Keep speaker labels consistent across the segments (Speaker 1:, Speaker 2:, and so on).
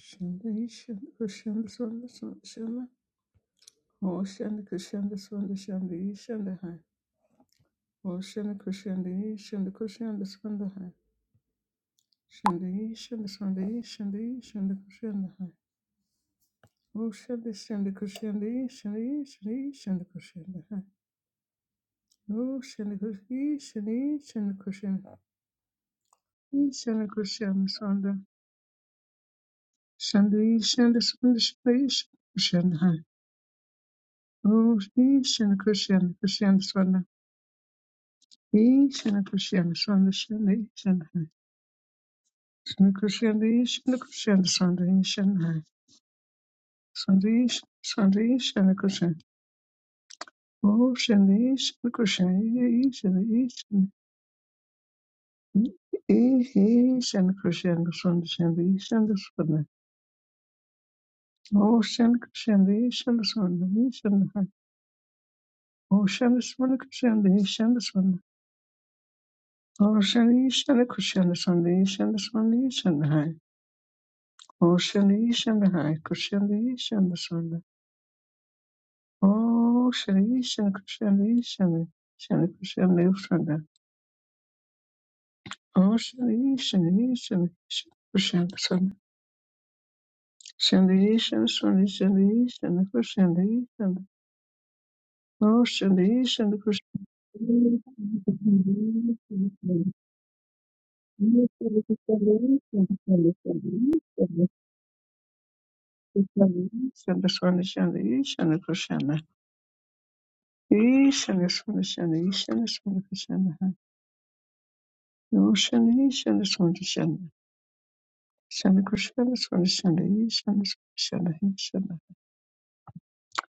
Speaker 1: Shanda Shanda Kushanda Swanda Swanda Shanda Oh Shanda Kushanda Swanda Shanda Shanda Hai Oh Shanda Kushanda Shanda Kushanda Swanda Hai Shanda Shanda Swanda Shanda Shanda Kushanda Hai Oh Shanda Shanda Kushanda Shanda Shanda Shanda Kushanda Hai Oh Shanda Kushanda Shanda Shanda Kushanda Shanda Kushanda Swanda Shanda Shanda Swanda Shanda Shanda Hai Oh Shanda Kushanda Kushanda Swanda Ishana Krishna Swanda Shanda Ishana Ishana Krishna Ishana Krishna Swanda Ishana Swanda Ishana Swanda Ishana Krishna Oh Shanda Ishana Krishna Ishana Ishana Ishana Krishna Swanda Shanda Ishana Swanda Oh Shanda Krishna Ishana Swanda Ishana Oh Shanda Swanda Krishna Ishana Swanda Oh Shanda Ishana Krishna Swanda Ishana Swanda Ishana Oh Shanda Ishana Krishna Ishana Swanda Oh, Shri Shri krishna, Shri Shri krishna, Shri. Oh, Shri Shri Shri krishna, Shri Shri Shri Shri Shri Shri Shri Shri Shri. Oh, Shri Shri Shri. Shri Shri Shri Shri Krishna. Krishna Krishna Krishna Krishna Krishna. Oh, Shri Shri Shri Shri. Shana Krishna, Shana Shani, Shana Shana, Shana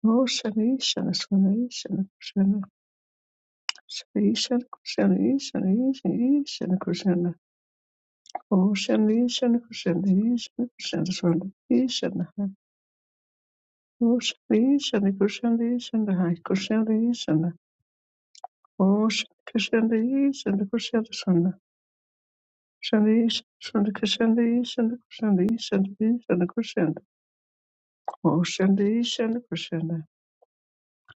Speaker 1: Oh, Shani, Shana Shani, Shana Krishna, Shani, Shana Krishna, Shani, Shani, Shana Krishna, Oh, Shani, Shana Krishna, Shana Krishna, Shana, Shana, Oh, Shani, Shana Krishna, Shana, Krishna, Shana, Oh, Shani, Krishna, Shana Krishna, Shana, Shani, Shana Krishna, Shana Krishna, Shana, Krishna Shana Krishna, Oh, Shani, Shana Krishna,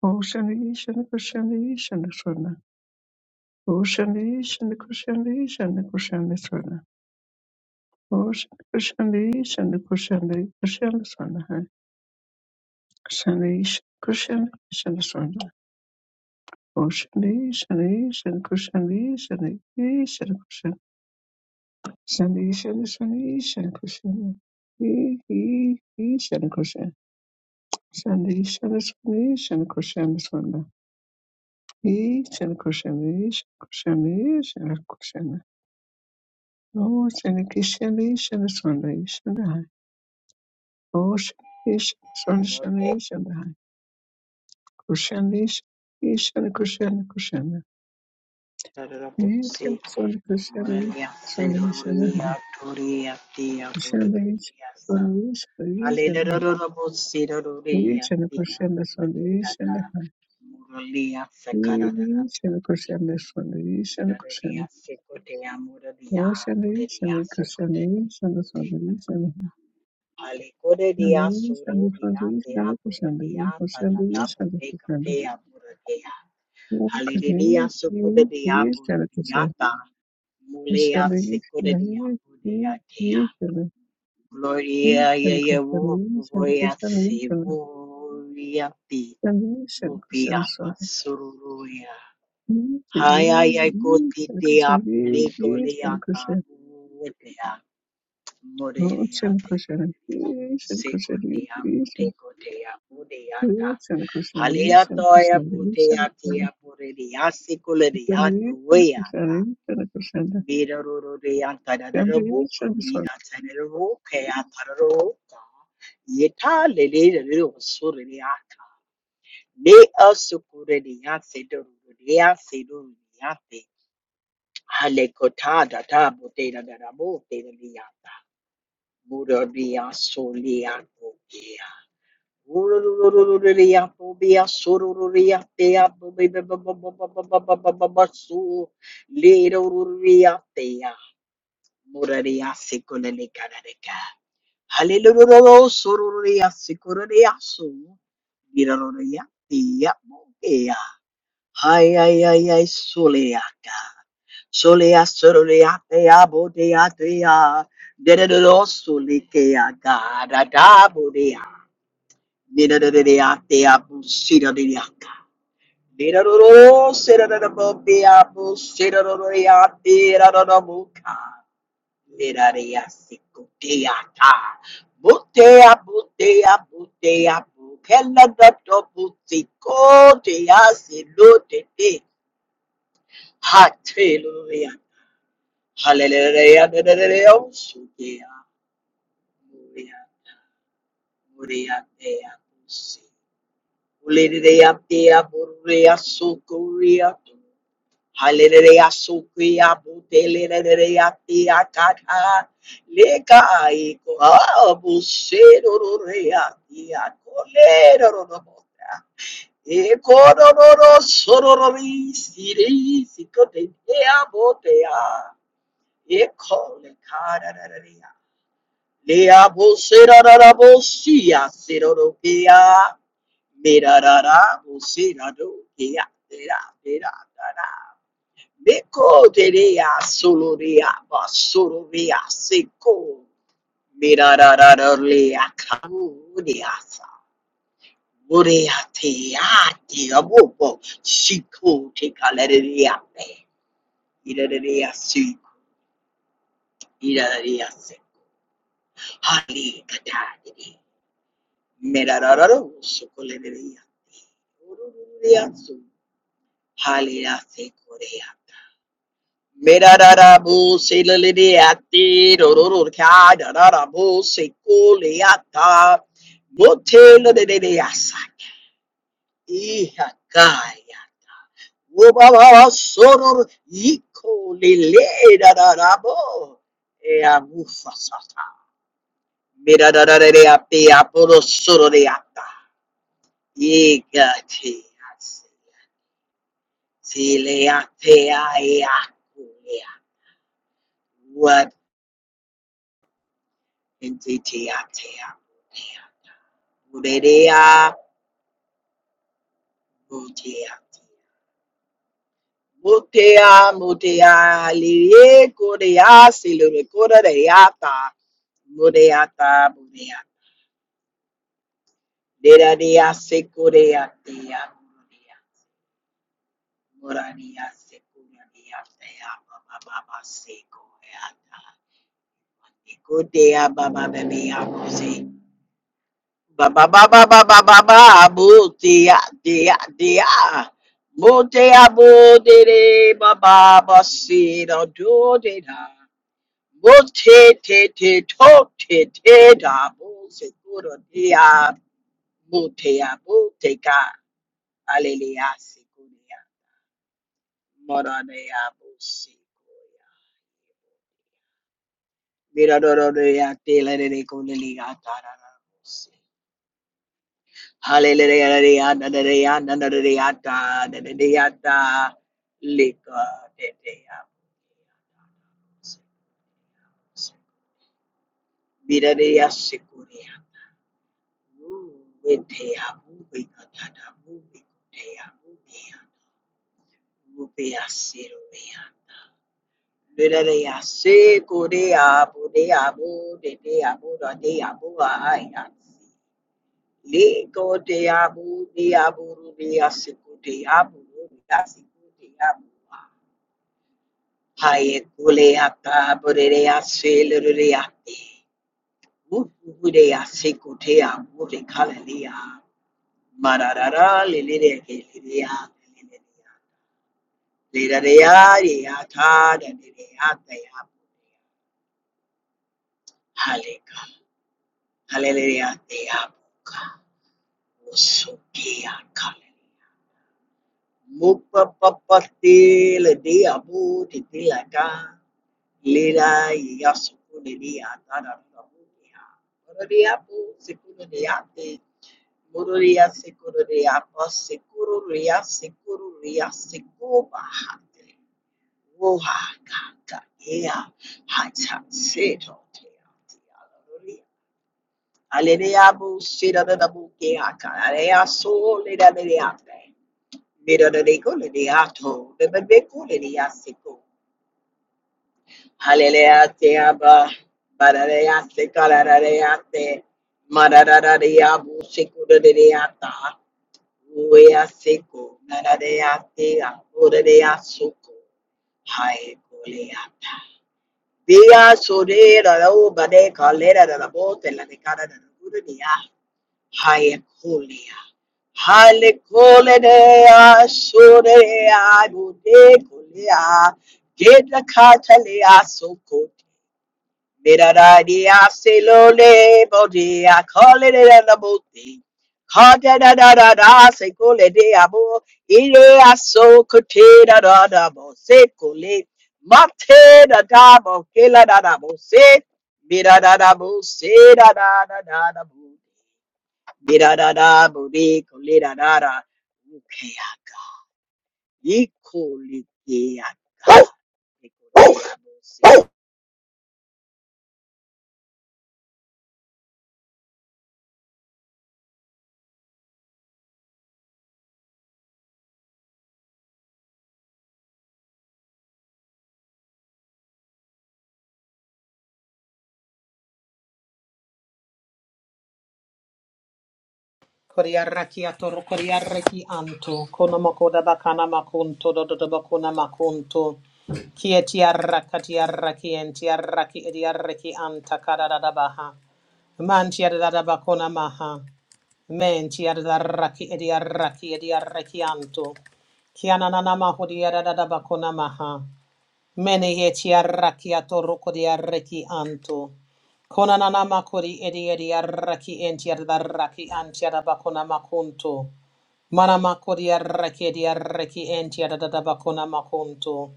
Speaker 1: Om Shanti Shanti Shanti Shanti Swarna. Om Shanti Shanti Shanti Shanti Shanti Swarna. Om Shanti Kushani, Shanti Shanti Kushani, hai. Shanti Shanti Shanti Swarna. Om Shanti Shanti Shanti Shanti Shanti Shanti Swarna. Shanti Shanti Shanti Shanti Shanti. He he he Shanti Shanti. Shanti Shanti Shanti Shanti Shanti Swarna. He Shanti Shanti Shanti Shanti Kushani, Oh, shani kishani shani shani shani hai. Oh, shani shani shani shani hai. Kushani shani kushani kushani. Ye shani
Speaker 2: Marketarabotsi,
Speaker 1: Sunday kushani
Speaker 2: Monariasa,
Speaker 1: shani shani
Speaker 2: Roria,
Speaker 1: hai.
Speaker 2: Toria, Tia,
Speaker 1: Kushani
Speaker 2: Botacuriasa,
Speaker 1: shani shani
Speaker 2: Hallelujah,
Speaker 1: shani. Ye
Speaker 2: Roria,
Speaker 1: shani
Speaker 2: Tia,
Speaker 1: kushani shani
Speaker 2: Botata,
Speaker 1: shani hai.
Speaker 2: Muralia,
Speaker 1: Ye
Speaker 2: Sakadada,
Speaker 1: shani kushani shani shani
Speaker 2: Miraria,
Speaker 1: kushani.
Speaker 2: Secotea, Muralia,
Speaker 1: Oh, shani
Speaker 2: Muralia,
Speaker 1: shani
Speaker 2: Secotea,
Speaker 1: kushani shani shani shani hai.
Speaker 2: Alicoredia,
Speaker 1: Shani shani
Speaker 2: Surodia,
Speaker 1: shani
Speaker 2: Tia,
Speaker 1: shani
Speaker 2: Boredia,
Speaker 1: kushani.
Speaker 2: Tadada,
Speaker 1: Kushani shani kushani.
Speaker 2: Botecatea, Boredea, Hallelujah,
Speaker 1: Okay, iyi,
Speaker 2: Sucodia,
Speaker 1: iyi şarkısı.
Speaker 2: Boredia, Mulea
Speaker 1: Başarılı, iyi
Speaker 2: Sikuria
Speaker 1: şarkı,
Speaker 2: Buddha
Speaker 1: iyi,
Speaker 2: Dea.
Speaker 1: iyi şarkı, iyi
Speaker 2: Gloria Yaya
Speaker 1: şarkısı, iyi
Speaker 2: Vuya
Speaker 1: şarkısı, iyi şarkı.
Speaker 2: Sivuya Pi
Speaker 1: Sen iyi
Speaker 2: Vupia
Speaker 1: şarkısın sonra.
Speaker 2: Masuruya.
Speaker 1: İyi, iyi,
Speaker 2: Haya
Speaker 1: iyi
Speaker 2: Yakoti
Speaker 1: şarkısı,
Speaker 2: Dea
Speaker 1: iyi,
Speaker 2: Bulito
Speaker 1: iyi
Speaker 2: Leata
Speaker 1: şarkısı.
Speaker 2: Vutea
Speaker 1: O
Speaker 2: Morelia
Speaker 1: şarkısı,
Speaker 2: Tekuria
Speaker 1: iyi şarkısı, iyi,
Speaker 2: Sikotea
Speaker 1: iyi şarkı.
Speaker 2: Butekotea Budeata.
Speaker 1: O şarkısı, iyi
Speaker 2: Halia
Speaker 1: şarkısı,
Speaker 2: Toya
Speaker 1: iyi
Speaker 2: Butea
Speaker 1: şarkı.
Speaker 2: Tia Burelia
Speaker 1: Sen
Speaker 2: Sikularia
Speaker 1: iyi
Speaker 2: Tuya.
Speaker 1: şarkısı, iyi şarkısı.
Speaker 2: Mirorore
Speaker 1: Sen
Speaker 2: antararabo,
Speaker 1: iyi şarkısı.
Speaker 2: kuri antararabo, ke Yeta lele lele osore le ata. Ne asukure le yase dororo le yase dororo da da bo te da da da bo Muro le yaso le yato. Urururururu le yato be yasururu le yate yato Hallelujah. Sororia sikoria so. Biraroria tia bokea. Ay ay ay ay soleaka. Solea sororia tea bodea tea. Dedero solekea gada da bodea. Dedero tea busira diriaka. Dedero sera da bobea busira doria tira da boca. Mirariasikuteata. Butea, butea, butea, bukela dato butiko, tea silute te. Hallelujah. Hallelujah. Hallelujah. Sutea, murea, murea, tea, busi. Ulerea, tea, burea, sukuria. Hallelujah, Sukia, Butelea, Tia, Kata, Leka, Iko, Busedorea, Tia, Colero, Ecororo, Sorori, Siri, Sicotea, Botea, Eco, Lecararia, Lea, Bosera, Bosia, Sidoropea, Mirarara, Bosera, Dokia, Dera, Dera, Dara. Meko derea solorea basororea seko mirarararea kamureasa murea teati abobo shiko tekalerea pe irarea si irarea se hali katadiri mirarararo sokolerea ururea su hali rase korea Merararabu sililiati rorororka dararabu sikuliata motela de de yasak ihakaya ubaba soror ikolile dararabo eamufa sata merararareapi aporo sororiata igati asileate ayakulia Ntetea-tea. Murerea, mutea. Mutea, mutea, lirie, Korea, silure, coreata. Mureata, murea. Deraria, secorea, tea, murea. Moraria, secorea, tea, baba, baba, Koreata, Ecotea, baba, bebea, Ba ba ba ba ba ba ba ba boo dia dia dia boo dia ba ba ba si da do de da boo te te te to te te da boo se kuro dia boo te ka aleluya se kuro ya mora de ya boo mira do ya te la de de kuro ya ra ra Hallelujah, hallelujah, hallelujah, hallelujah. Lika tetea. Miraria sekuria. Wetea mubikatata mubikutea mubia. Mubia sirubia. Miraria sekuria budea budetea budadea buaya. Liko dea budea burudia sekutea burudia sekutea buaya. Haye kuleata borerea selereate. Uhurea secotea ure kalalia. Mararara lelere kelea. Lerarea reata da reata ya. Haleka. Halelea te abuka. Osokea calalia. Mupa papa le de abu te tilaka. Lera y ya su culería, tara rabunia. Mororia po se culería te, mororia se culería po se culería se culería se cuba hate. Woha kaka ea hacha seto te ate. Aleluya po sira da la buquea, carea sol de la de ate. Mira de la culería to, de la culería seko. Hallelujah, Abba. Barareyate, kararareyate. Marararayabu, sekurareyata. Uya seko, narareyate, akurareyasuko. Hae kuleyata. Via sore rao bade kalera rabo tela de cara de gurunia. Hae kulia. Hale kulea Get the catalea Soko. Mirararia selole I call it in the booty. Kaja da da da da se cole de abo ire aso cote da da da bo se cole mate da da bo kela da da bo se mira da da bo se da da da da da bo mira da da bo de cole da da da ukeaka ikole de aka
Speaker 3: Koriaraki atoro koriaraki anto kono makoda bakana makunto dodo do do bakuna makunto kieti arrakati arraki enti arraki edi arraki anta kadada baha manti adada bakuna maha menti adarraki edi arraki edi arraki anto kiana nana mahudi adada bakuna maha Mene yeti arraki atoroko di arreki anto. Konanana makori edi edi arraki enti adarraki anti adabakona makunto. Mana makori arraki edi arraki enti adadabakona makunto.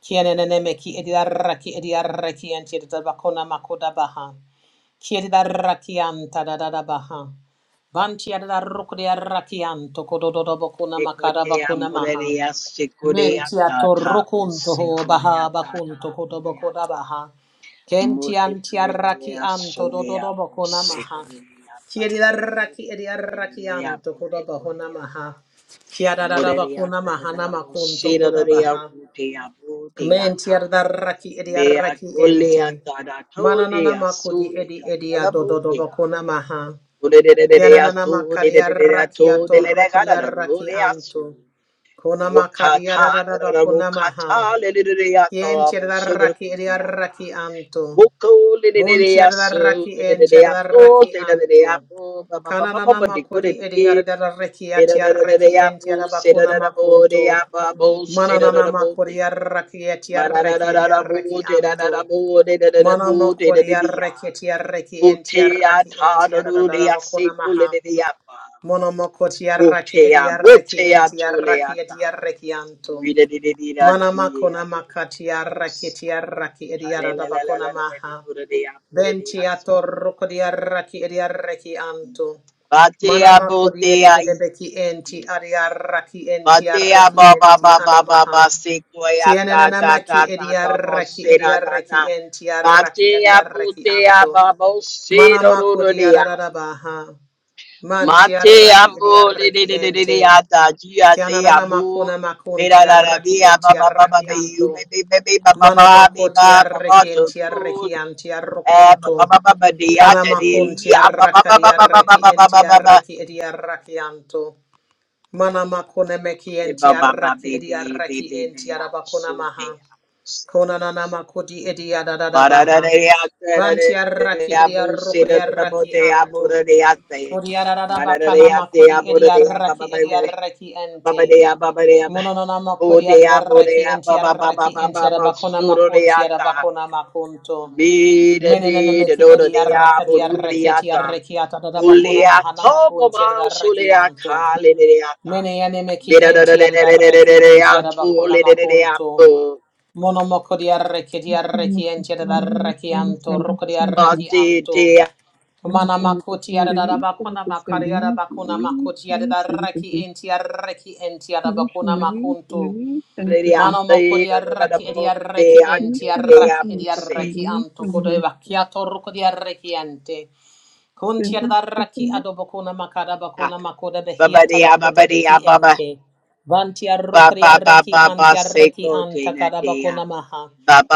Speaker 3: Kienenene meki edi arraki edi arraki enti adadabakona makoda baha. Kiedi darraki anta dadadabaha. Banti adarroko di arraki anto kodododobakona
Speaker 2: Dekotea
Speaker 3: makarabakona maha.
Speaker 2: morerea sekorea
Speaker 3: Mentia
Speaker 2: tata
Speaker 3: torrokunto ho
Speaker 2: sekorea
Speaker 3: baha bakunto
Speaker 2: tata borea
Speaker 3: kotoboko da
Speaker 2: ta
Speaker 3: baha.
Speaker 2: mote
Speaker 3: Kentian tiarraki
Speaker 2: lerea
Speaker 3: anto
Speaker 2: sorea bo
Speaker 3: dododoboko namaha.
Speaker 2: sekorea parara bo
Speaker 3: Kiediarraki ediarraki
Speaker 2: sekorea
Speaker 3: anto
Speaker 2: bo
Speaker 3: kodoboko
Speaker 2: dekorea
Speaker 3: namaha.
Speaker 2: ta morerea
Speaker 3: Kiadarabako namaha
Speaker 2: tarara bo
Speaker 3: namakunto
Speaker 2: serorea
Speaker 3: kodabaha.
Speaker 2: botea botea ta
Speaker 3: Mentiarraki
Speaker 2: mea
Speaker 3: ediarraki ente.
Speaker 2: kolea tara
Speaker 3: Mananana
Speaker 2: tolea
Speaker 3: makudi
Speaker 2: sole
Speaker 3: edi edia
Speaker 2: karara botea
Speaker 3: dododoboko namaha.
Speaker 2: Ore re re re re
Speaker 3: Yananana
Speaker 2: ato, re re re re
Speaker 3: makariarraki
Speaker 2: ato, re re re karara ro
Speaker 3: atorrokodiarraki
Speaker 2: re
Speaker 3: anto.
Speaker 2: aso.
Speaker 3: Konama
Speaker 2: Rokata
Speaker 3: kadiararaba konamaha.
Speaker 2: rokata leleleyata
Speaker 3: Kien tierdarraki
Speaker 2: mosodokoleyata.
Speaker 3: ediarraki anto.
Speaker 2: Woko
Speaker 3: Bun
Speaker 2: leleyaso
Speaker 3: tierdarraki en
Speaker 2: leleyato
Speaker 3: tierdarraki anto.
Speaker 2: teleleyabo ba ba ba ba ba ba
Speaker 3: Kananama kodi
Speaker 2: dikodeke.
Speaker 3: ediardarraki atiarraki en
Speaker 2: Leleleyabo
Speaker 3: tieraba konama
Speaker 2: sedadabo
Speaker 3: kunto.
Speaker 2: deyabo
Speaker 3: Mananama
Speaker 2: sedadabo de.
Speaker 3: kodi arraki atiarraki
Speaker 2: Manadadadabo
Speaker 3: ediarraki anto.
Speaker 2: tedadabo dedadabo
Speaker 3: Manama kodi
Speaker 2: dedadeleya.
Speaker 3: arraki atiarraki en
Speaker 2: Hotea
Speaker 3: tiarraki en tierdaraba
Speaker 2: tadadodeyase
Speaker 3: konamaha.
Speaker 2: koleleyapa.
Speaker 3: Monomoko tiarraki
Speaker 2: Rotea
Speaker 3: ediarraki
Speaker 2: rotea
Speaker 3: en tiarraki
Speaker 2: toleata.
Speaker 3: ediarraki anto. Mana makona makati arraki ti arraki edi arada bakona maha. Benti atorroko di arraki edi arraki anto. Mana
Speaker 2: Batea
Speaker 3: makodi
Speaker 2: botea i.
Speaker 3: ededebeki enti adi arraki enti
Speaker 2: Batea
Speaker 3: arraki
Speaker 2: ba ba
Speaker 3: enti
Speaker 2: ba ba ba ba
Speaker 3: anamaha.
Speaker 2: sequoia
Speaker 3: Kienena
Speaker 2: ta ta ta
Speaker 3: namaki
Speaker 2: ta
Speaker 3: edi
Speaker 2: ta ba
Speaker 3: arraki
Speaker 2: se
Speaker 3: edi
Speaker 2: da da da.
Speaker 3: arraki enti arraki edi
Speaker 2: Batea
Speaker 3: arraki
Speaker 2: botea
Speaker 3: anto.
Speaker 2: ba bo se
Speaker 3: Mana
Speaker 2: do do do
Speaker 3: makodi
Speaker 2: dea.
Speaker 3: arada baha. Manti
Speaker 2: Matea
Speaker 3: arraki edi
Speaker 2: bo le de
Speaker 3: arraki
Speaker 2: de de de
Speaker 3: ente.
Speaker 2: dea ta gia tea
Speaker 3: Kianana
Speaker 2: bo.
Speaker 3: makuna makun
Speaker 2: Mira da da
Speaker 3: tiarraki
Speaker 2: dea
Speaker 3: in
Speaker 2: ba ba ba ba ba
Speaker 3: tiarraki
Speaker 2: be you be
Speaker 3: anto.
Speaker 2: be be be ba ba
Speaker 3: Mana
Speaker 2: ba be
Speaker 3: mako
Speaker 2: ba ba ba
Speaker 3: tiarraki in
Speaker 2: to to.
Speaker 3: tiarraki an
Speaker 2: Eh, ba-
Speaker 3: tiarrokunto.
Speaker 2: ba- ba- ba- ba- dee, ah,
Speaker 3: Kana
Speaker 2: da- dee,
Speaker 3: makun
Speaker 2: lee, ah, ba- ba-
Speaker 3: tiarraka
Speaker 2: ba- ba- ba- ba- ba-
Speaker 3: diarraki in
Speaker 2: ba- ba- ba- ba.
Speaker 3: tiarraki idiarraki anto. Mana makune meki
Speaker 2: Eh,
Speaker 3: in
Speaker 2: ba- ba- ba-
Speaker 3: tiarraki
Speaker 2: be- be- be-
Speaker 3: idiarraki
Speaker 2: be-
Speaker 3: in
Speaker 2: be, ah, so
Speaker 3: tiarabakuna
Speaker 2: dee,
Speaker 3: maha.
Speaker 2: ah, so.
Speaker 3: Kona nana makudi
Speaker 2: Ba- da- da-
Speaker 3: idiadadadabaha.
Speaker 2: dee, ah, da- da-
Speaker 3: Vanti
Speaker 2: dee,
Speaker 3: arraki
Speaker 2: ah,
Speaker 3: edi
Speaker 2: boo, see,
Speaker 3: arroko di
Speaker 2: da- da- da- boo,
Speaker 3: arraki
Speaker 2: dee, ah, boo, da-
Speaker 3: anto.
Speaker 2: dee, ah, say.
Speaker 3: Kodi
Speaker 2: Ba-
Speaker 3: arararaba
Speaker 2: da- da- dee, ah,
Speaker 3: kanama
Speaker 2: dee, ah,
Speaker 3: kodi
Speaker 2: boo,
Speaker 3: edi
Speaker 2: da- dee, ah, ba- ba-
Speaker 3: arraki
Speaker 2: ba-
Speaker 3: edi
Speaker 2: ba- dee.
Speaker 3: arraki
Speaker 2: ba- ba-
Speaker 3: ente.
Speaker 2: dee, ah, ba- ba- dee, ah, ba-
Speaker 3: Mononona
Speaker 2: boo,
Speaker 3: makodi
Speaker 2: dee, ah, boo, dee,
Speaker 3: yarraki
Speaker 2: ah,
Speaker 3: enti
Speaker 2: ba- ba- ba- ba-
Speaker 3: yarraki
Speaker 2: ba-
Speaker 3: enti
Speaker 2: ba- ba,
Speaker 3: yarabakona
Speaker 2: so, do, dee, ah,
Speaker 3: makunti
Speaker 2: da.
Speaker 3: arabakona makunto.
Speaker 2: Be, da,
Speaker 3: Menenene
Speaker 2: dee, da,
Speaker 3: meki
Speaker 2: do, da,
Speaker 3: edi
Speaker 2: dee, ah, boo,
Speaker 3: yarrakadi
Speaker 2: do, dee,
Speaker 3: yarraki
Speaker 2: ah,
Speaker 3: eti
Speaker 2: da.
Speaker 3: yarraki
Speaker 2: Baba Baba Secotea,
Speaker 3: atadadabakona mahana makunti yarraki yanto. Meneyane meki enti yarraki enti arabakona makunto. Mono makodi yarraki edi yarraki enti yarraki yanto.
Speaker 1: Sen iyi
Speaker 3: Rokodi
Speaker 1: şarkısı.
Speaker 3: yarraki anto. Mana
Speaker 1: Nonostante questa
Speaker 3: makoti
Speaker 1: rivista,
Speaker 3: yarabakona
Speaker 1: questa
Speaker 3: makari
Speaker 1: rivista,
Speaker 3: yarabakona makoti
Speaker 1: rivista,
Speaker 3: yarraki
Speaker 1: rivista,
Speaker 3: enti yarraki enti
Speaker 1: Russian
Speaker 3: arabakona
Speaker 1: marine,
Speaker 3: makunto.
Speaker 1: marine, ten percent.
Speaker 3: Mano moko di arraki e di arraki
Speaker 1: East
Speaker 3: enti
Speaker 1: ten
Speaker 3: arraki e
Speaker 1: percent, the
Speaker 3: di
Speaker 1: percent, the
Speaker 3: arraki
Speaker 1: east
Speaker 3: anto
Speaker 1: and the
Speaker 3: kodo e
Speaker 1: half.
Speaker 3: vacchiato roko di arraki ente. Kunti
Speaker 1: Seven
Speaker 3: arraki
Speaker 1: percent,
Speaker 3: adobokuna makada bakuna makoda behiata bakote beki ente. Vanti arroko di arraki anti arraki anta kada bakuna maha.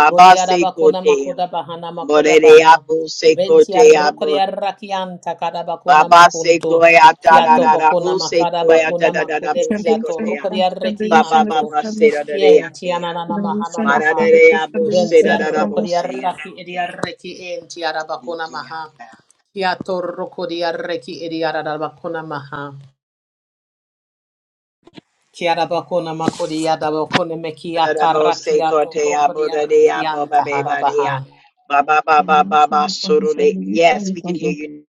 Speaker 3: Bodi arabakuna makoda bahana makoda
Speaker 2: Morea
Speaker 3: baha.
Speaker 2: Bo
Speaker 3: Venti arroko
Speaker 2: Secotea
Speaker 3: di arraki anta kada bakuna
Speaker 2: Baba seko
Speaker 3: makunto.
Speaker 2: ya da da
Speaker 3: Kiato
Speaker 1: the
Speaker 2: da da
Speaker 3: bakuna
Speaker 2: bo
Speaker 3: makada
Speaker 2: seko ya da
Speaker 3: bakuna
Speaker 2: da da da
Speaker 3: makude
Speaker 2: bo seko
Speaker 1: Chinese
Speaker 3: kiato
Speaker 2: te
Speaker 1: and the
Speaker 2: ya.
Speaker 3: roko di
Speaker 1: constant, the
Speaker 3: arraki
Speaker 1: east
Speaker 2: Baba
Speaker 1: and the
Speaker 3: anto.
Speaker 2: baba
Speaker 1: constant,
Speaker 2: se da da da ya
Speaker 3: Kien
Speaker 2: te ya.
Speaker 3: tiana na
Speaker 1: the
Speaker 3: maha
Speaker 1: east
Speaker 3: na
Speaker 1: and
Speaker 2: Mara da
Speaker 3: maha.
Speaker 2: da ya bo
Speaker 3: Ben
Speaker 2: se da
Speaker 1: the
Speaker 2: da da
Speaker 1: sun,
Speaker 3: tiarroko
Speaker 2: bo se ya
Speaker 3: diarraki
Speaker 2: bo te ya.
Speaker 3: ediarreki en
Speaker 2: Be
Speaker 3: tiarabakona
Speaker 2: te
Speaker 3: maha.
Speaker 2: ya da.
Speaker 3: Kiatorroko diarreki ediarabakona maha. Kiarabakona makodi yadabakone
Speaker 2: Da da bo
Speaker 3: mekiatarraki
Speaker 2: seko te ya
Speaker 3: atorroko
Speaker 2: bo da da
Speaker 3: diarreki
Speaker 2: ya bo ba be ba de ya.
Speaker 3: antaharabaha.
Speaker 2: Baba
Speaker 1: the constant, the
Speaker 2: baba
Speaker 1: east
Speaker 2: baba
Speaker 1: and the sun,
Speaker 2: surule.
Speaker 1: the east and
Speaker 2: Yes,
Speaker 1: the
Speaker 2: we can hear you.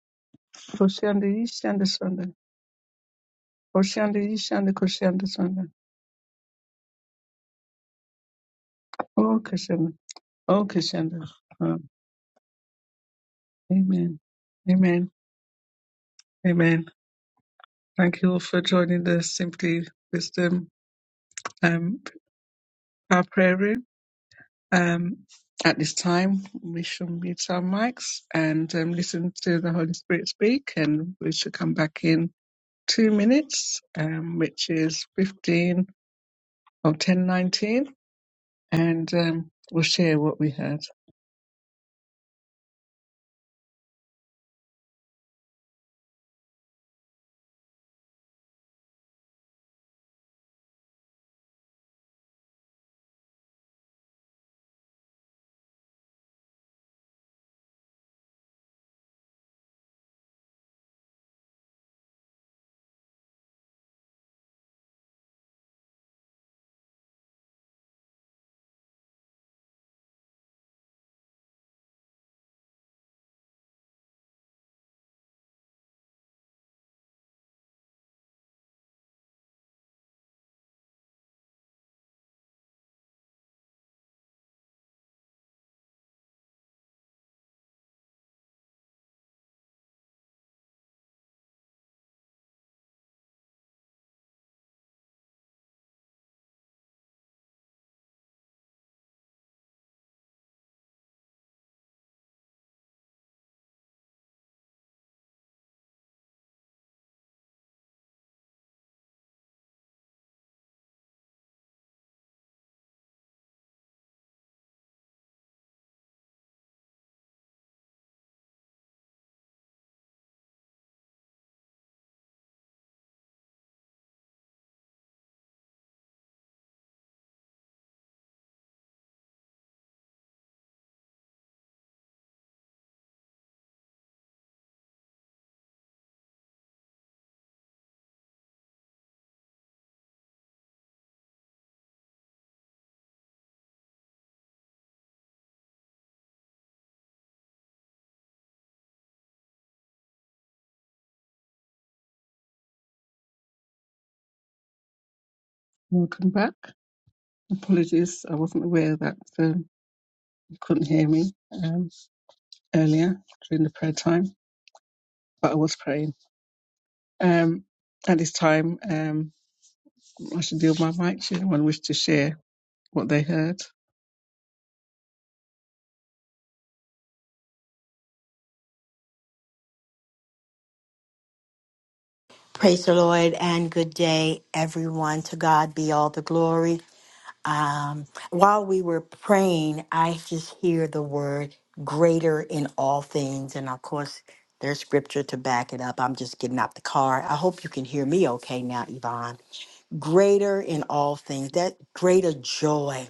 Speaker 1: constant, the east and the sun, Percent, the east and the sun, Percent, the east and the constant, the sun. Oh, Cassandra. Oh, Cassandra. Amen. Amen. Amen. Thank you all for joining the Simply Wisdom um, Power Prayer Room. Um, at this time, we shall mute our mics and um, listen to the Holy Spirit speak, and we shall come back in two minutes, um, which is 15 or 10.19, and um, we'll share what we heard. Welcome back. Apologies, I wasn't aware that um, you couldn't hear me um, earlier during the prayer time, but I was praying. Um, at this time. um, I should deal my mic. Should anyone wish to share what they heard?
Speaker 2: Praise the Lord and good day, everyone. To God be all the glory. um, while we were praying, I just hear the word greater in all things. And of course, there's scripture to back it up. I'm just getting out the car. I hope you can hear me okay now, Yvonne. Greater in all things, that greater joy,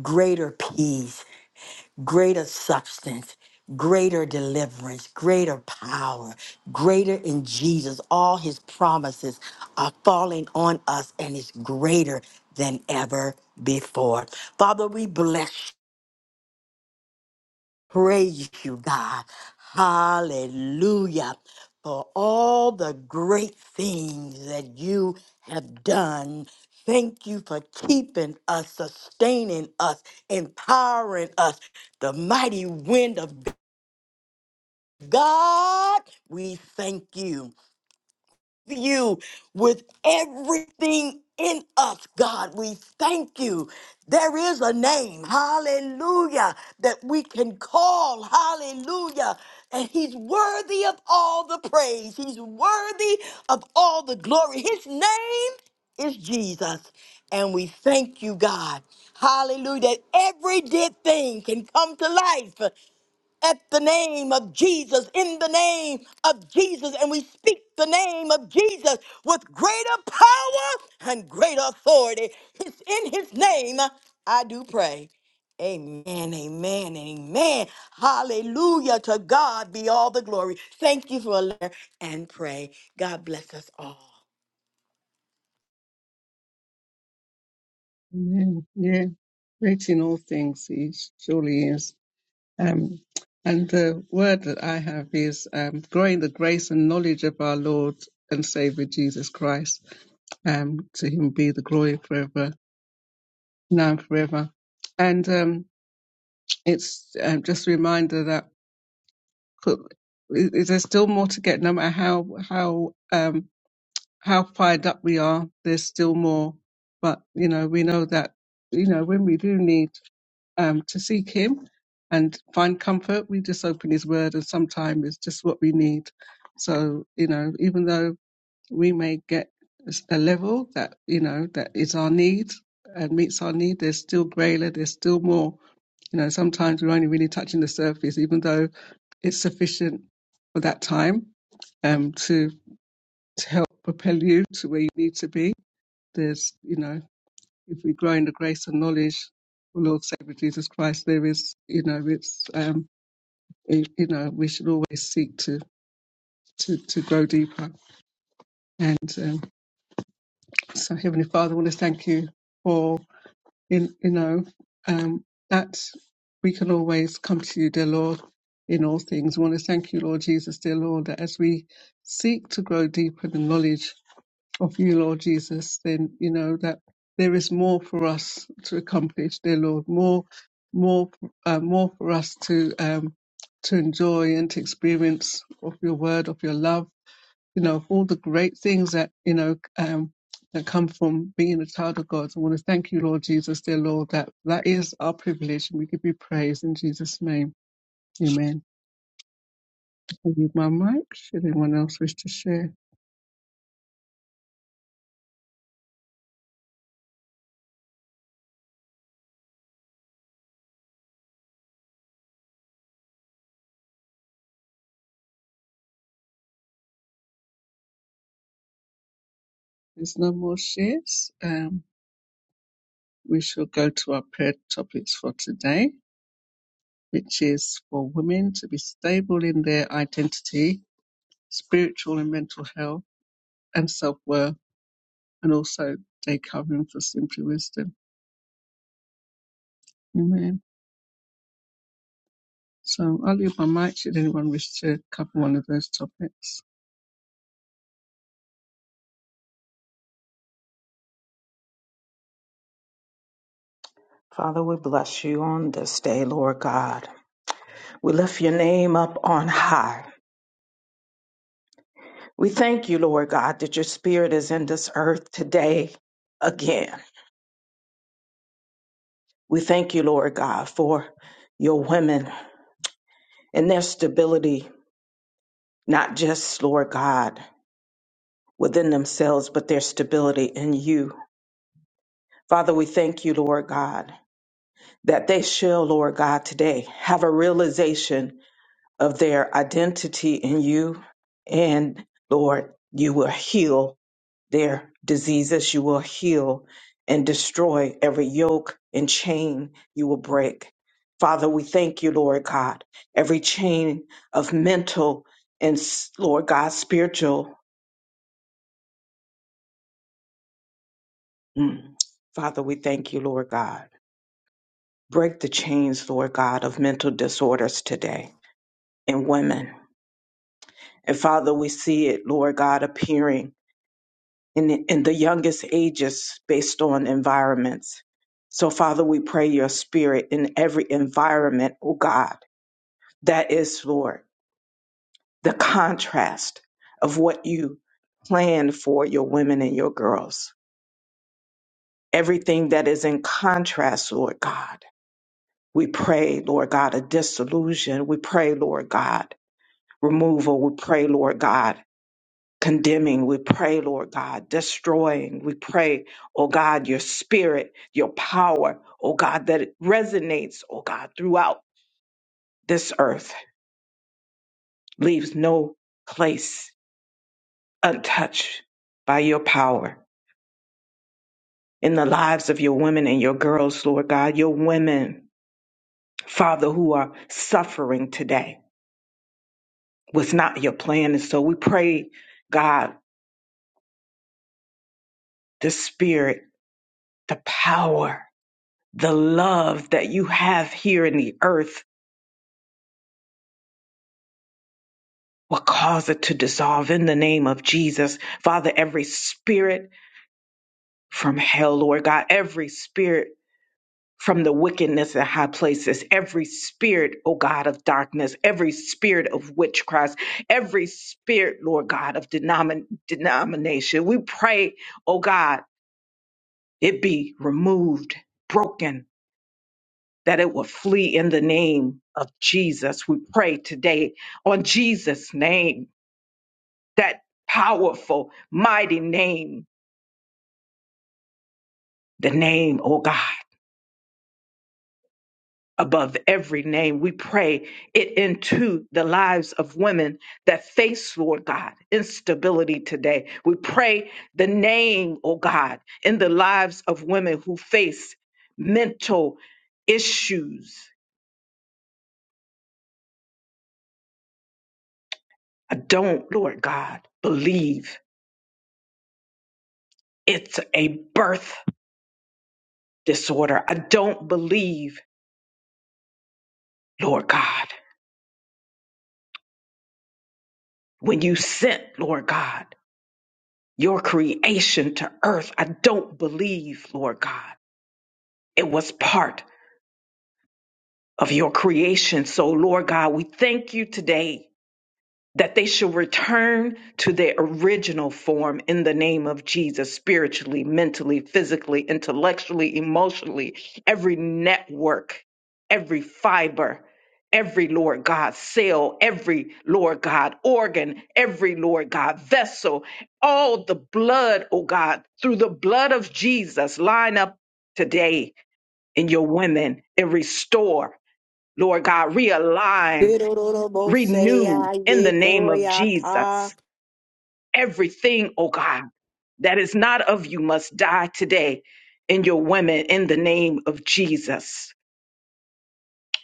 Speaker 2: greater peace greater substance, greater deliverance, greater power, greater in Jesus. All his promises are falling on us and it's greater than ever before. Father, we bless, praise you, God. Hallelujah. For all the great things that you have done. Thank you for keeping us, sustaining us, empowering us. The mighty wind of God, we thank you. You with everything in us, God, we thank you. There is a name, hallelujah, that we can call, hallelujah. And he's worthy of all the praise, he's worthy of all the glory. His name is Jesus. And we thank you, God. Hallelujah. That every dead thing can come to life at the name of Jesus, in the name of Jesus, and we speak the name of Jesus with greater power and greater authority. It's in his name I do pray. Amen, amen, amen. Hallelujah. To God be all the glory. Thank you for a letter and pray. God bless us all.
Speaker 1: Amen. Yeah, great in all things, he surely is. Um, and the word that I have is um, growing the grace and knowledge of our Lord and Savior Jesus Christ. Um, to him be the glory forever, now and forever. And um, it's um, just a reminder that put, is there still more to get, no matter how how um, how fired up we are. There's still more, but you know, we know that you know when we do need um, to seek Him and find comfort, we just open His Word, and sometimes it's just what we need. So you know, even though we may get a level that you know that is our need and meets our need, there's still greater, there's still more. You know, sometimes we're only really touching the surface, even though it's sufficient for that time um, to help propel you to where you need to be. There's, you know, if we grow in the grace and knowledge of Lord Savior Jesus Christ, there is, you know, it's, um, it, you know, we should always seek to to to grow deeper. And um, so, Heavenly Father, I want to thank you for, in, you know, um, that we can always come to you, dear Lord, in all things. We want to thank you, Lord Jesus, dear Lord, that as we seek to grow deeper in knowledge of you, Lord Jesus, then you know that there is more for us to accomplish, dear Lord, more, more, uh, more for us to um, to enjoy and to experience of your word, of your love, you know, of all the great things that you know um, that come from being a child of God. So I want to thank you, Lord Jesus, dear Lord, that that is our privilege, and we give you praise in Jesus' name. Amen. I need my mic. Should anyone else wish to share? There's no more shares. Um, we shall go to our prayer topics for today, which is for women to be stable in their identity, spiritual and mental health, and self worth, and also day covering for simply wisdom. Amen. So I'll leave my mic should anyone wish to cover one of those topics.
Speaker 4: Father, we bless you on this day, Lord God. We lift your name up on high. We thank you, Lord God, that your spirit is in this earth today again. We thank you, Lord God, for your women and their stability, not just, Lord God, within themselves, but their stability in you. Father, we thank you, Lord God, that they shall, Lord God, today have a realization of their identity in you. And Lord, you will heal their diseases. You will heal and destroy every yoke and chain you will break. Father, we thank you, Lord God, every chain of mental and, s- Lord God, spiritual. Mm. Father, we thank you, Lord God. Break the chains, Lord God, of mental disorders today in women. And Father, we see it, Lord God, appearing in, the, in the youngest ages based on environments. So, Father, we pray your spirit in every environment, oh God, that is, Lord, the contrast of what you plan for your women and your girls. Everything that is in contrast, Lord God. We pray, Lord God, a disillusion. We pray, Lord God, removal. We pray, Lord God, condemning. We pray, Lord God, destroying. We pray, oh God, your spirit, your power, oh God, that it resonates, oh God, throughout this earth, leaves no place untouched by your power in the lives of your women and your girls, Lord God, your women, Father, who are suffering today was not your plan. And so we pray, God, the spirit, the power, the love that you have here in the earth will cause it to dissolve in the name of Jesus. Father, every spirit from hell, Lord God, every spirit from the wickedness in high places, every spirit, O God, of darkness, every spirit of witchcraft, every spirit, Lord God, of denomin- denomination. We pray, O God, it be removed, broken, that it will flee in the name of Jesus. We pray today on Jesus' name that powerful, mighty name, the name, oh God, above every name. We pray it into the lives of women that face, Lord God, instability today. We pray the name, oh God, in the lives of women who face mental issues. I don't, Lord God, believe it's a birth disorder. I don't believe, Lord God, when you sent, Lord God. your creation to earth. I don't believe, Lord God, it was part of your creation. So, Lord God, we thank you today that they shall return to their original form in the name of Jesus, spiritually, mentally, physically, intellectually, emotionally, every network, every fiber, every Lord God cell, every Lord God organ, every Lord God vessel, all the blood, oh God, through the blood of Jesus, line up today in your women and restore, Lord God, realign Renew in the name of Jesus everything, oh God, that is not of you must die today in your women in the name of Jesus.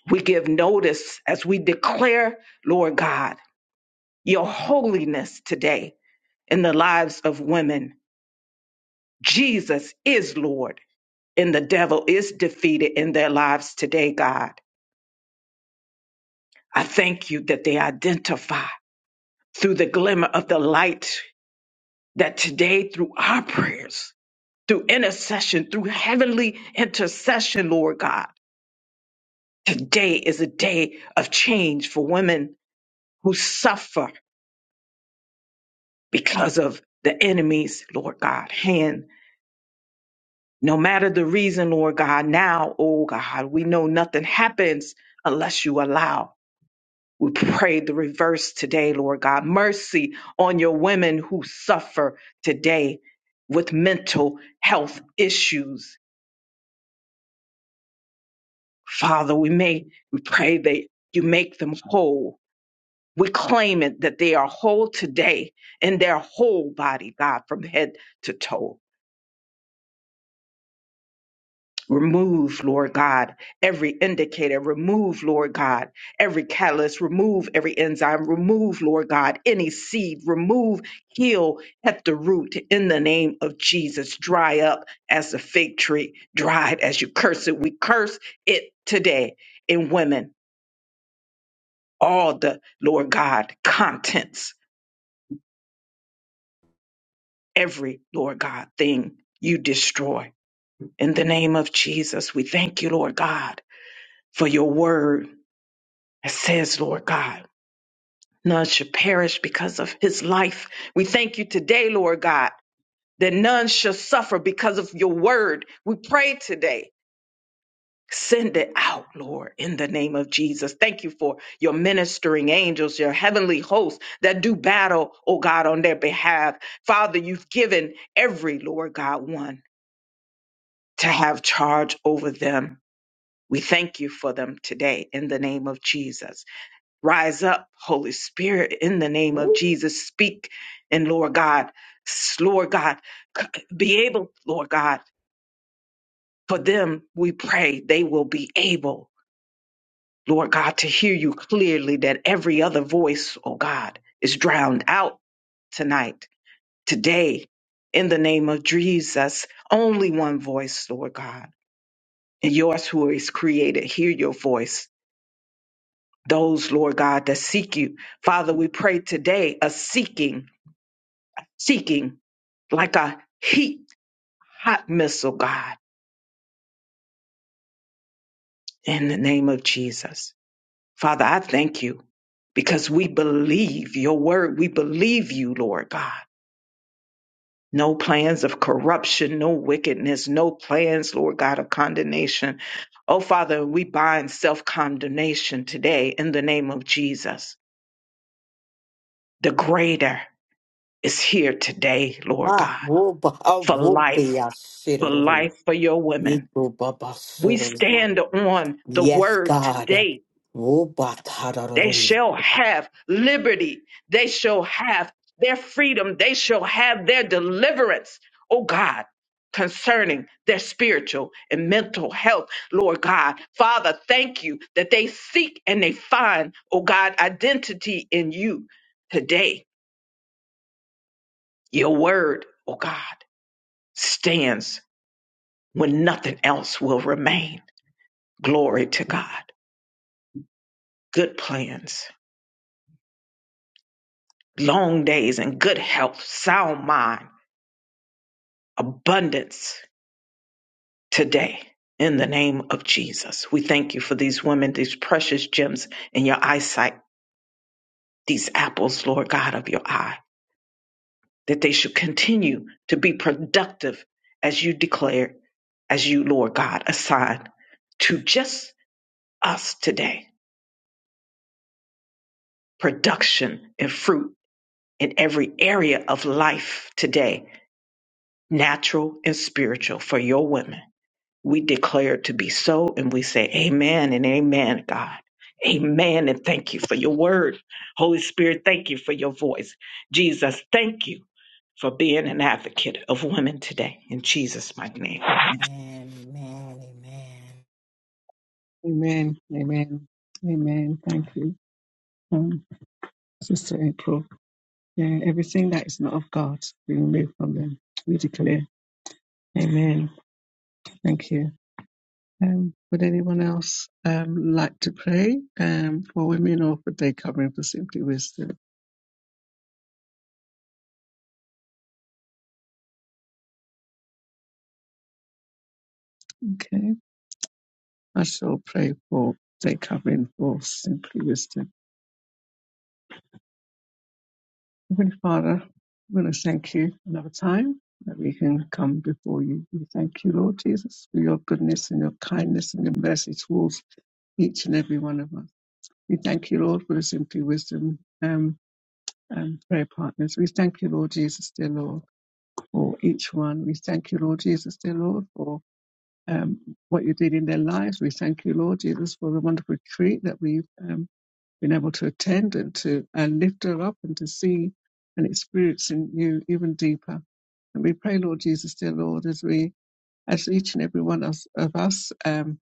Speaker 4: We give notice as we declare, Lord God, your holiness today in the lives of women. Jesus is Lord, and the devil is defeated in their lives today, God. I thank you that they identify through the glimmer of the light that today, through our prayers, through intercession, through heavenly intercession, Lord God. Today is a day of change for women who suffer because of the enemy's, Lord God, hand. No matter the reason, Lord God, now, oh God, we know nothing happens unless you allow. We pray the reverse today, Lord God. Mercy on your women who suffer today with mental health issues Father, we may we pray that you make them whole. We claim it that they are whole today in their whole body, God, from head to toe. Remove, Lord God, every indicator. Remove, Lord God, every catalyst. Remove every enzyme. Remove, Lord God, any seed. Remove, heal at the root in the name of Jesus. Dry up as the fig tree, dried as you curse it. We curse it today in women. all the Lord God contents, every Lord God thing you destroy. In the name of Jesus, we thank you, Lord God, for your word that says, Lord God, none shall perish because of his life. We thank you today, Lord God, that none shall suffer because of your word. We pray today Send it out, Lord, in the name of Jesus. Thank you for your ministering angels, your heavenly hosts that do battle, oh God, on their behalf. Father, you've given every, Lord God, one to have charge over them. We thank you for them today in the name of Jesus. Rise up, Holy Spirit, in the name of Jesus. Speak and Lord God, Lord God, be able, Lord God, for them we pray they will be able Lord God, to hear you clearly that every other voice, oh God, is drowned out tonight, today, in the name of Jesus. Only one voice, Lord God. And yours who is created, hear your voice. Those, Lord God, that seek you. Father, we pray today a seeking, seeking like a heat, hot missile, God, in the name of Jesus. Father, I thank you because we believe your word. We believe you, Lord God No plans of corruption, no wickedness, no plans, Lord God, of condemnation. Oh, Father, we bind self condemnation today in the name of Jesus. The greater is here today, Lord
Speaker 2: Ah,
Speaker 4: God,
Speaker 2: whoop, ah,
Speaker 4: for
Speaker 2: whoop,
Speaker 4: life, for
Speaker 2: yeah,
Speaker 4: life, for your women.
Speaker 2: Yeko baba
Speaker 4: We
Speaker 2: sororina.
Speaker 4: stand on the
Speaker 2: Yes,
Speaker 4: word
Speaker 2: God.
Speaker 4: today They
Speaker 2: Wobatarorori.
Speaker 4: shall have liberty. They shall have their freedom. They shall have their deliverance, oh God, concerning their spiritual and mental health, Lord God. Father, thank you that they seek and they find, oh God, identity in you today. Your word, oh God, stands when nothing else will remain. Glory to God. Good plans, long days, and good health, sound mind abundance today in the name of Jesus. We thank you for these women, these precious gems in your eyesight, these apples, Lord God, of your eye, that they should continue to be productive as you declare, as you, Lord God, assign to just us today production and fruit in every area of life today, natural and spiritual, for your women. We declare to be so, and we say, Amen and Amen, God. Amen, and thank you for your word. Holy Spirit, thank you for your voice. Jesus, thank you for being an advocate of women today. In Jesus' mighty name.
Speaker 2: Amen, amen, amen.
Speaker 1: Amen. Amen. Amen. Thank you. Um, Sister April. Yeah, everything that is not of God, we remove from them. We declare. Amen. Thank you. Um, would anyone else um, like to pray um, for women or for day covering for Simply Wisdom? Okay, I shall pray for day covering for Simply Wisdom. Heavenly Father, we want to thank you another time that we can come before you. We thank you, Lord Jesus, for your goodness and your kindness and your mercy towards each and every one of us. We thank you, Lord, for the Simply Wisdom um, and prayer partners. We thank you, Lord Jesus, dear Lord. for each one. We thank you, Lord Jesus, dear Lord, for um, what you did in their lives. We thank you, Lord Jesus, for the wonderful treat that we've um, been able to attend and to uh, lift her up and to see and experience in you even deeper. And we pray, Lord Jesus, dear Lord, as we, as each and every one of, of us, um,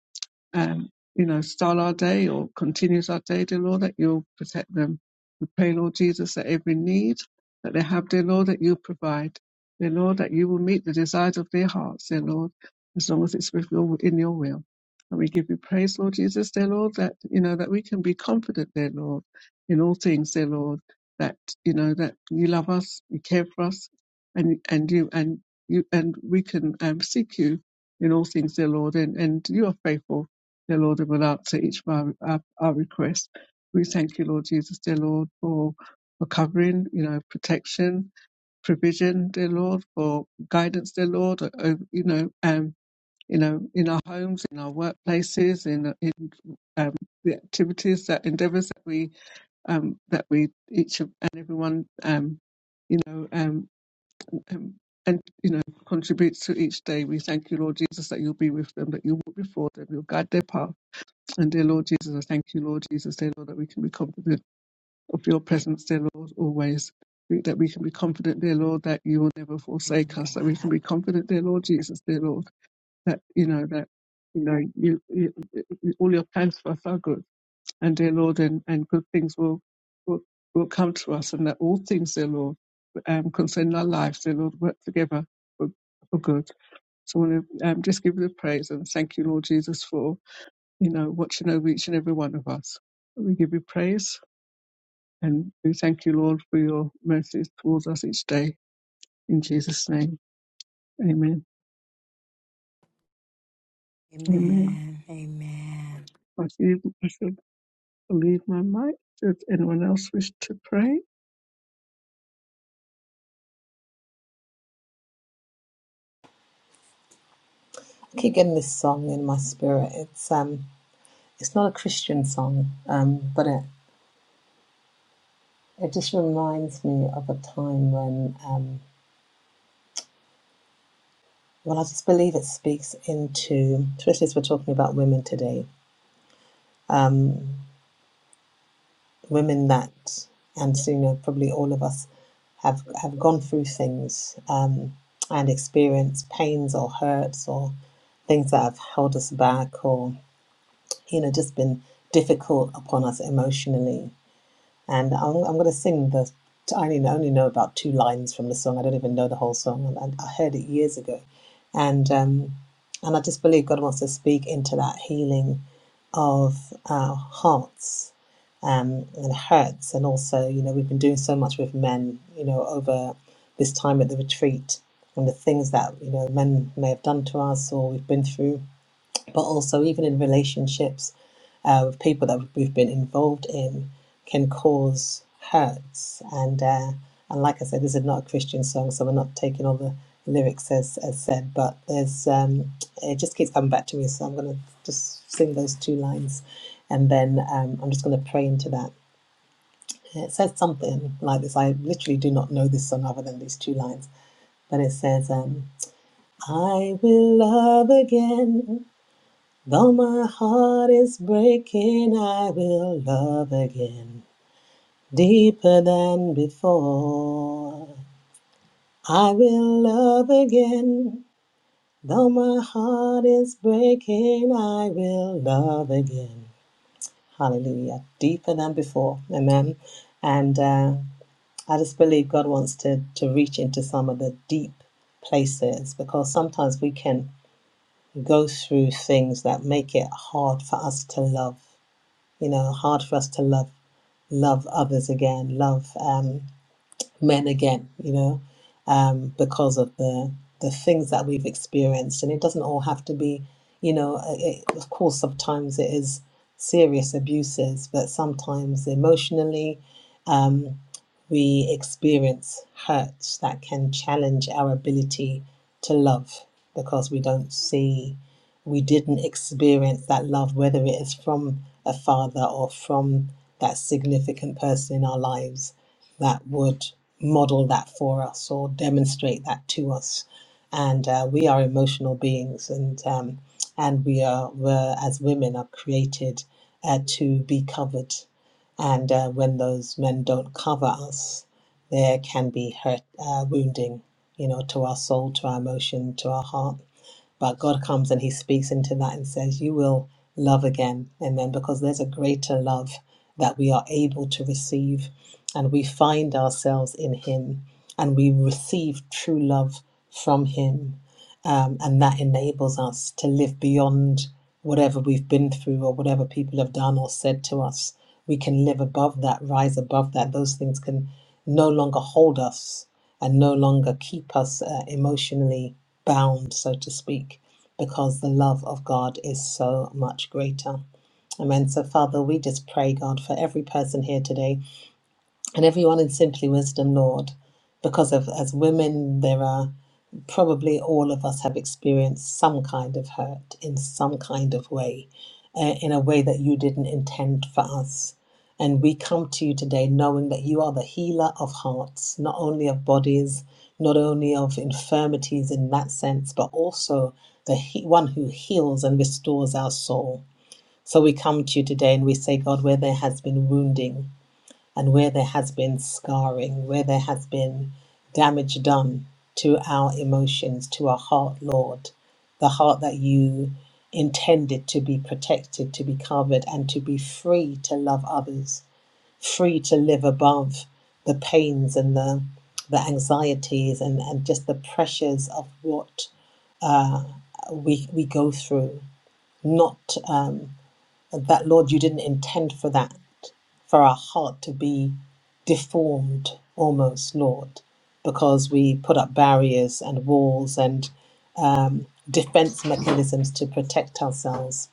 Speaker 1: and you know start our day or continues our day, dear Lord, that you'll protect them. We pray, Lord Jesus, that every need that they have, dear Lord, that you provide, dear Lord, that you will meet the desires of their hearts, dear Lord, as long as it's with your, in your will. And we give you praise, Lord Jesus, dear Lord, that you know that we can be confident, dear Lord, in all things, dear Lord, that you know that you love us, you care for us, and and you and you and we can um, seek you in all things, dear Lord, and, and you are faithful Dear Lord, and will answer each of our, our, our requests. We thank you, Lord Jesus, dear Lord, for, for covering, you know, protection, provision, dear Lord, for guidance, dear Lord, o- o- you know, um, you know, in our homes, in our workplaces, in in um, the activities, that endeavours that we um, that we each of, and everyone, um, you know, um, um, and you know, contributes to each day. We thank you, Lord Jesus, that you'll be with them, that you walk before them, you'll guide their path and dear Lord Jesus, I thank you, Lord Jesus, dear Lord, that we can be confident of your presence, dear Lord, always. We- That we can be confident, dear Lord, that you will never
Speaker 2: Oh, my
Speaker 1: forsake us. That we can
Speaker 2: God.
Speaker 1: be confident, dear Lord Jesus, dear Lord, that you know that you know you, you, you- all your plans for us are good, and dear Lord, and, and good things will, will will come to us, and that all things, dear Lord, um, concerning our lives, dear Lord, work together for, for good. So I want to um, just give you the praise and thank you, Lord Jesus, for you know, watching over each and every one of us. We give you praise and we thank you, Lord, for your mercies towards us each day. In Jesus' name, amen. Amen.
Speaker 2: Amen, amen,
Speaker 1: I should, I should leave my mic. Should anyone else wish to pray?
Speaker 3: I keep getting this song in my spirit. It's um, it's not a Christian song, um, but it it just reminds me of a time when um, Well, I just believe it speaks into, especially as we're talking about women today, um, women that, and so, you know, probably all of us have have gone through things um, and experienced pains or hurts or things that have held us back or you know just been difficult upon us emotionally and I'm, I'm going to sing the. I only, I only know about two lines from the song. I don't even know the whole song. And I heard it years ago, and um, and I just believe God wants to speak into that healing of our hearts um, and hurts, and also you know we've been doing so much with men, you know, over this time at the retreat and the things that you know men may have done to us or we've been through but also even in relationships uh, with people that we've been involved in can cause hurts. And uh, and like I said, this is not a Christian song, so we're not taking all the lyrics as, as said, but there's um, it just keeps coming back to me. So I'm going to just sing those two lines, and then um, I'm just going to pray into that. It says something like this. I literally do not know this song other than these two lines, but it says, um, "I will love again." Though my heart is breaking, I will love again, deeper than before. I will love again. Though my heart is breaking, I will love again. Hallelujah. Deeper than before. Amen. And uh, I just believe God wants to, to reach into some of the deep places because sometimes we can go through things that make it hard for us to love you know hard for us to love love others again love um, men again you know um, because of the the things that we've experienced and it doesn't all have to be you know uh, it, of course sometimes it is serious abuses but sometimes emotionally um, we experience hurt that can challenge our ability to love because we don't see, we didn't experience that love, whether it is from a father or from that significant person in our lives that would model that for us or demonstrate that to us. And uh, we are emotional beings, and um, and we are, we as women, are created uh, to be covered and uh, when those men don't cover us, there can be hurt, uh, wounding, you know, to our soul, to our emotion, to our heart. But God comes and He speaks into that and says, You will love again. Amen. Because there's a greater love that we are able to receive. And we find ourselves in Him and we receive true love from Him. Um, and that enables us to live beyond whatever we've been through or whatever people have done or said to us. We can live above that, rise above that. Those things can no longer hold us and no longer keep us uh, emotionally bound, so to speak, because the love of God is so much greater. Amen. So, Father, we just pray, God, for every person here today and everyone in Simply Wisdom, Lord, because of as women, there are probably all of us have experienced some kind of hurt in some kind of way, uh, in a way that you didn't intend for us. And we come to you today knowing that you are the healer of hearts, not only of bodies, not only of infirmities in that sense, but also the he- one who heals and restores our soul. So we come to you today and we say, God, where there has been wounding, and where there has been scarring, where there has been damage done to our emotions, to our heart, Lord, the heart that you intended to be protected, to be covered, and to be free to love others, free to live above the pains and the the anxieties and, and just the pressures of what we we go through. Not um, that, Lord, you didn't intend for that for our heart to be deformed almost, Lord, because we put up barriers and walls and um, defense mechanisms to protect ourselves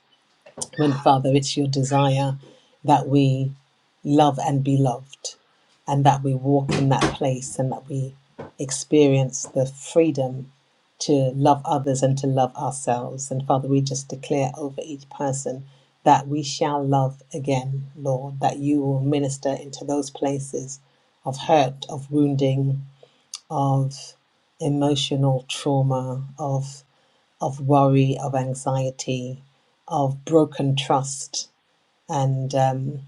Speaker 3: when Father, it's your desire that we love and be loved, and that we walk in that place and that we experience the freedom to love others and to love ourselves. And Father, we just declare over each person that we shall love again, Lord, that you will minister into those places of hurt, of wounding, of emotional trauma, of of worry, of anxiety, of broken trust and um,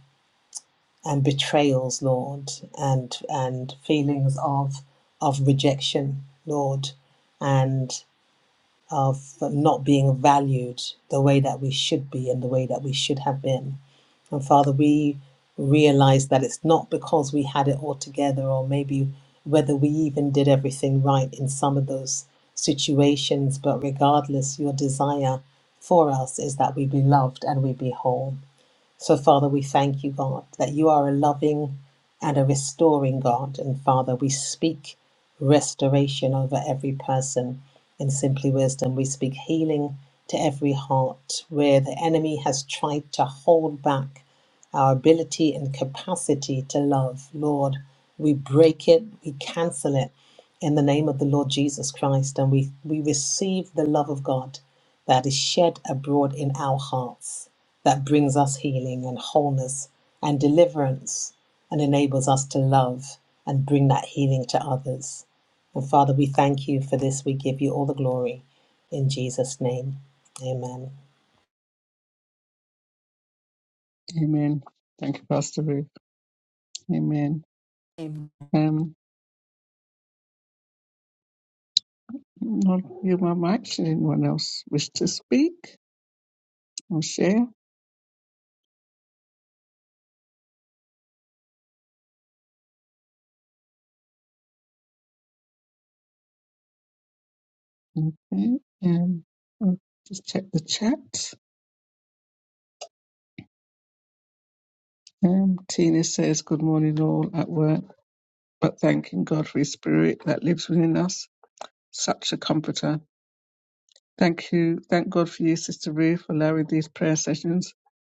Speaker 3: and betrayals, Lord, and and feelings of of rejection, Lord, and of not being valued the way that we should be and the way that we should have been. And Father, we realize that it's not because we had it all together or maybe whether we even did everything right in some of those situations, but regardless, your desire for us is that we be loved and we be whole. So, Father, we thank you, God, that you are a loving and a restoring God. And, Father, we speak restoration over every person in Simply Wisdom. We speak healing to every heart where the enemy has tried to hold back our ability and capacity to love. Lord, we break it, we cancel it in the name of the Lord Jesus Christ, and we, we receive the love of God that is shed abroad in our hearts that brings us healing and wholeness and deliverance and enables us to love and bring that healing to others. And Father, we thank you for this. We give you all the glory in Jesus' name. Amen.
Speaker 1: Amen. Thank you, Pastor Ruth. Amen.
Speaker 2: amen.
Speaker 1: Um, I'll you, my mic. Should anyone else wish to speak or share? Okay. Um, I'll just check the chat. Um, Tina says, Good morning, all at work. but thanking God for His Spirit that lives within us, such a comforter. Thank you. Thank God for you, Sister Ruth, for allowing these prayer sessions.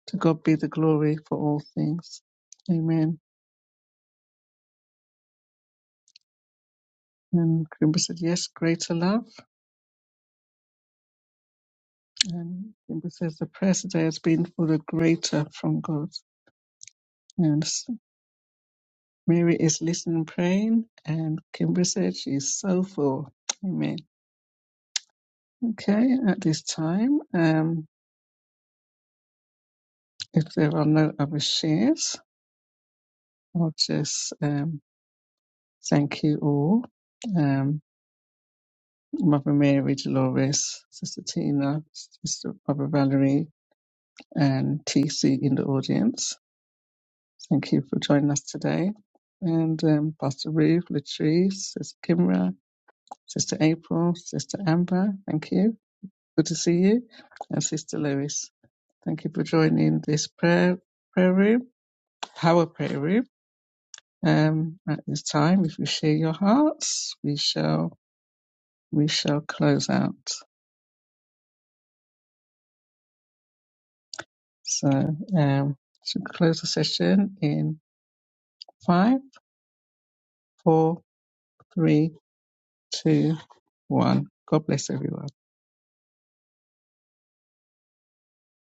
Speaker 1: To God be the glory for all things. Amen. And Kimber said, Yes, greater love. And Kimber says, The prayer today has been for the greater from God. And s- Mary is listening and praying. And Kimber said, She's so full. Amen. Okay, at this time, um, if there are no other shares, Lord, just um, thank you all. Um, Mother Mary, Dolores, Sister Tina, Sister Mother Valerie, and TC in the audience. Thank you for joining us today. And um, Pastor Ruth, Latrice, Sister Kimra, Sister April, Sister Amber, thank you. Good to see you. And Sister Lewis, thank you for joining this prayer, prayer room, power prayer room. Um, at this time, if you share your hearts, we shall we shall close out. So um, should close the session in five, four, three, two, one. God bless everyone.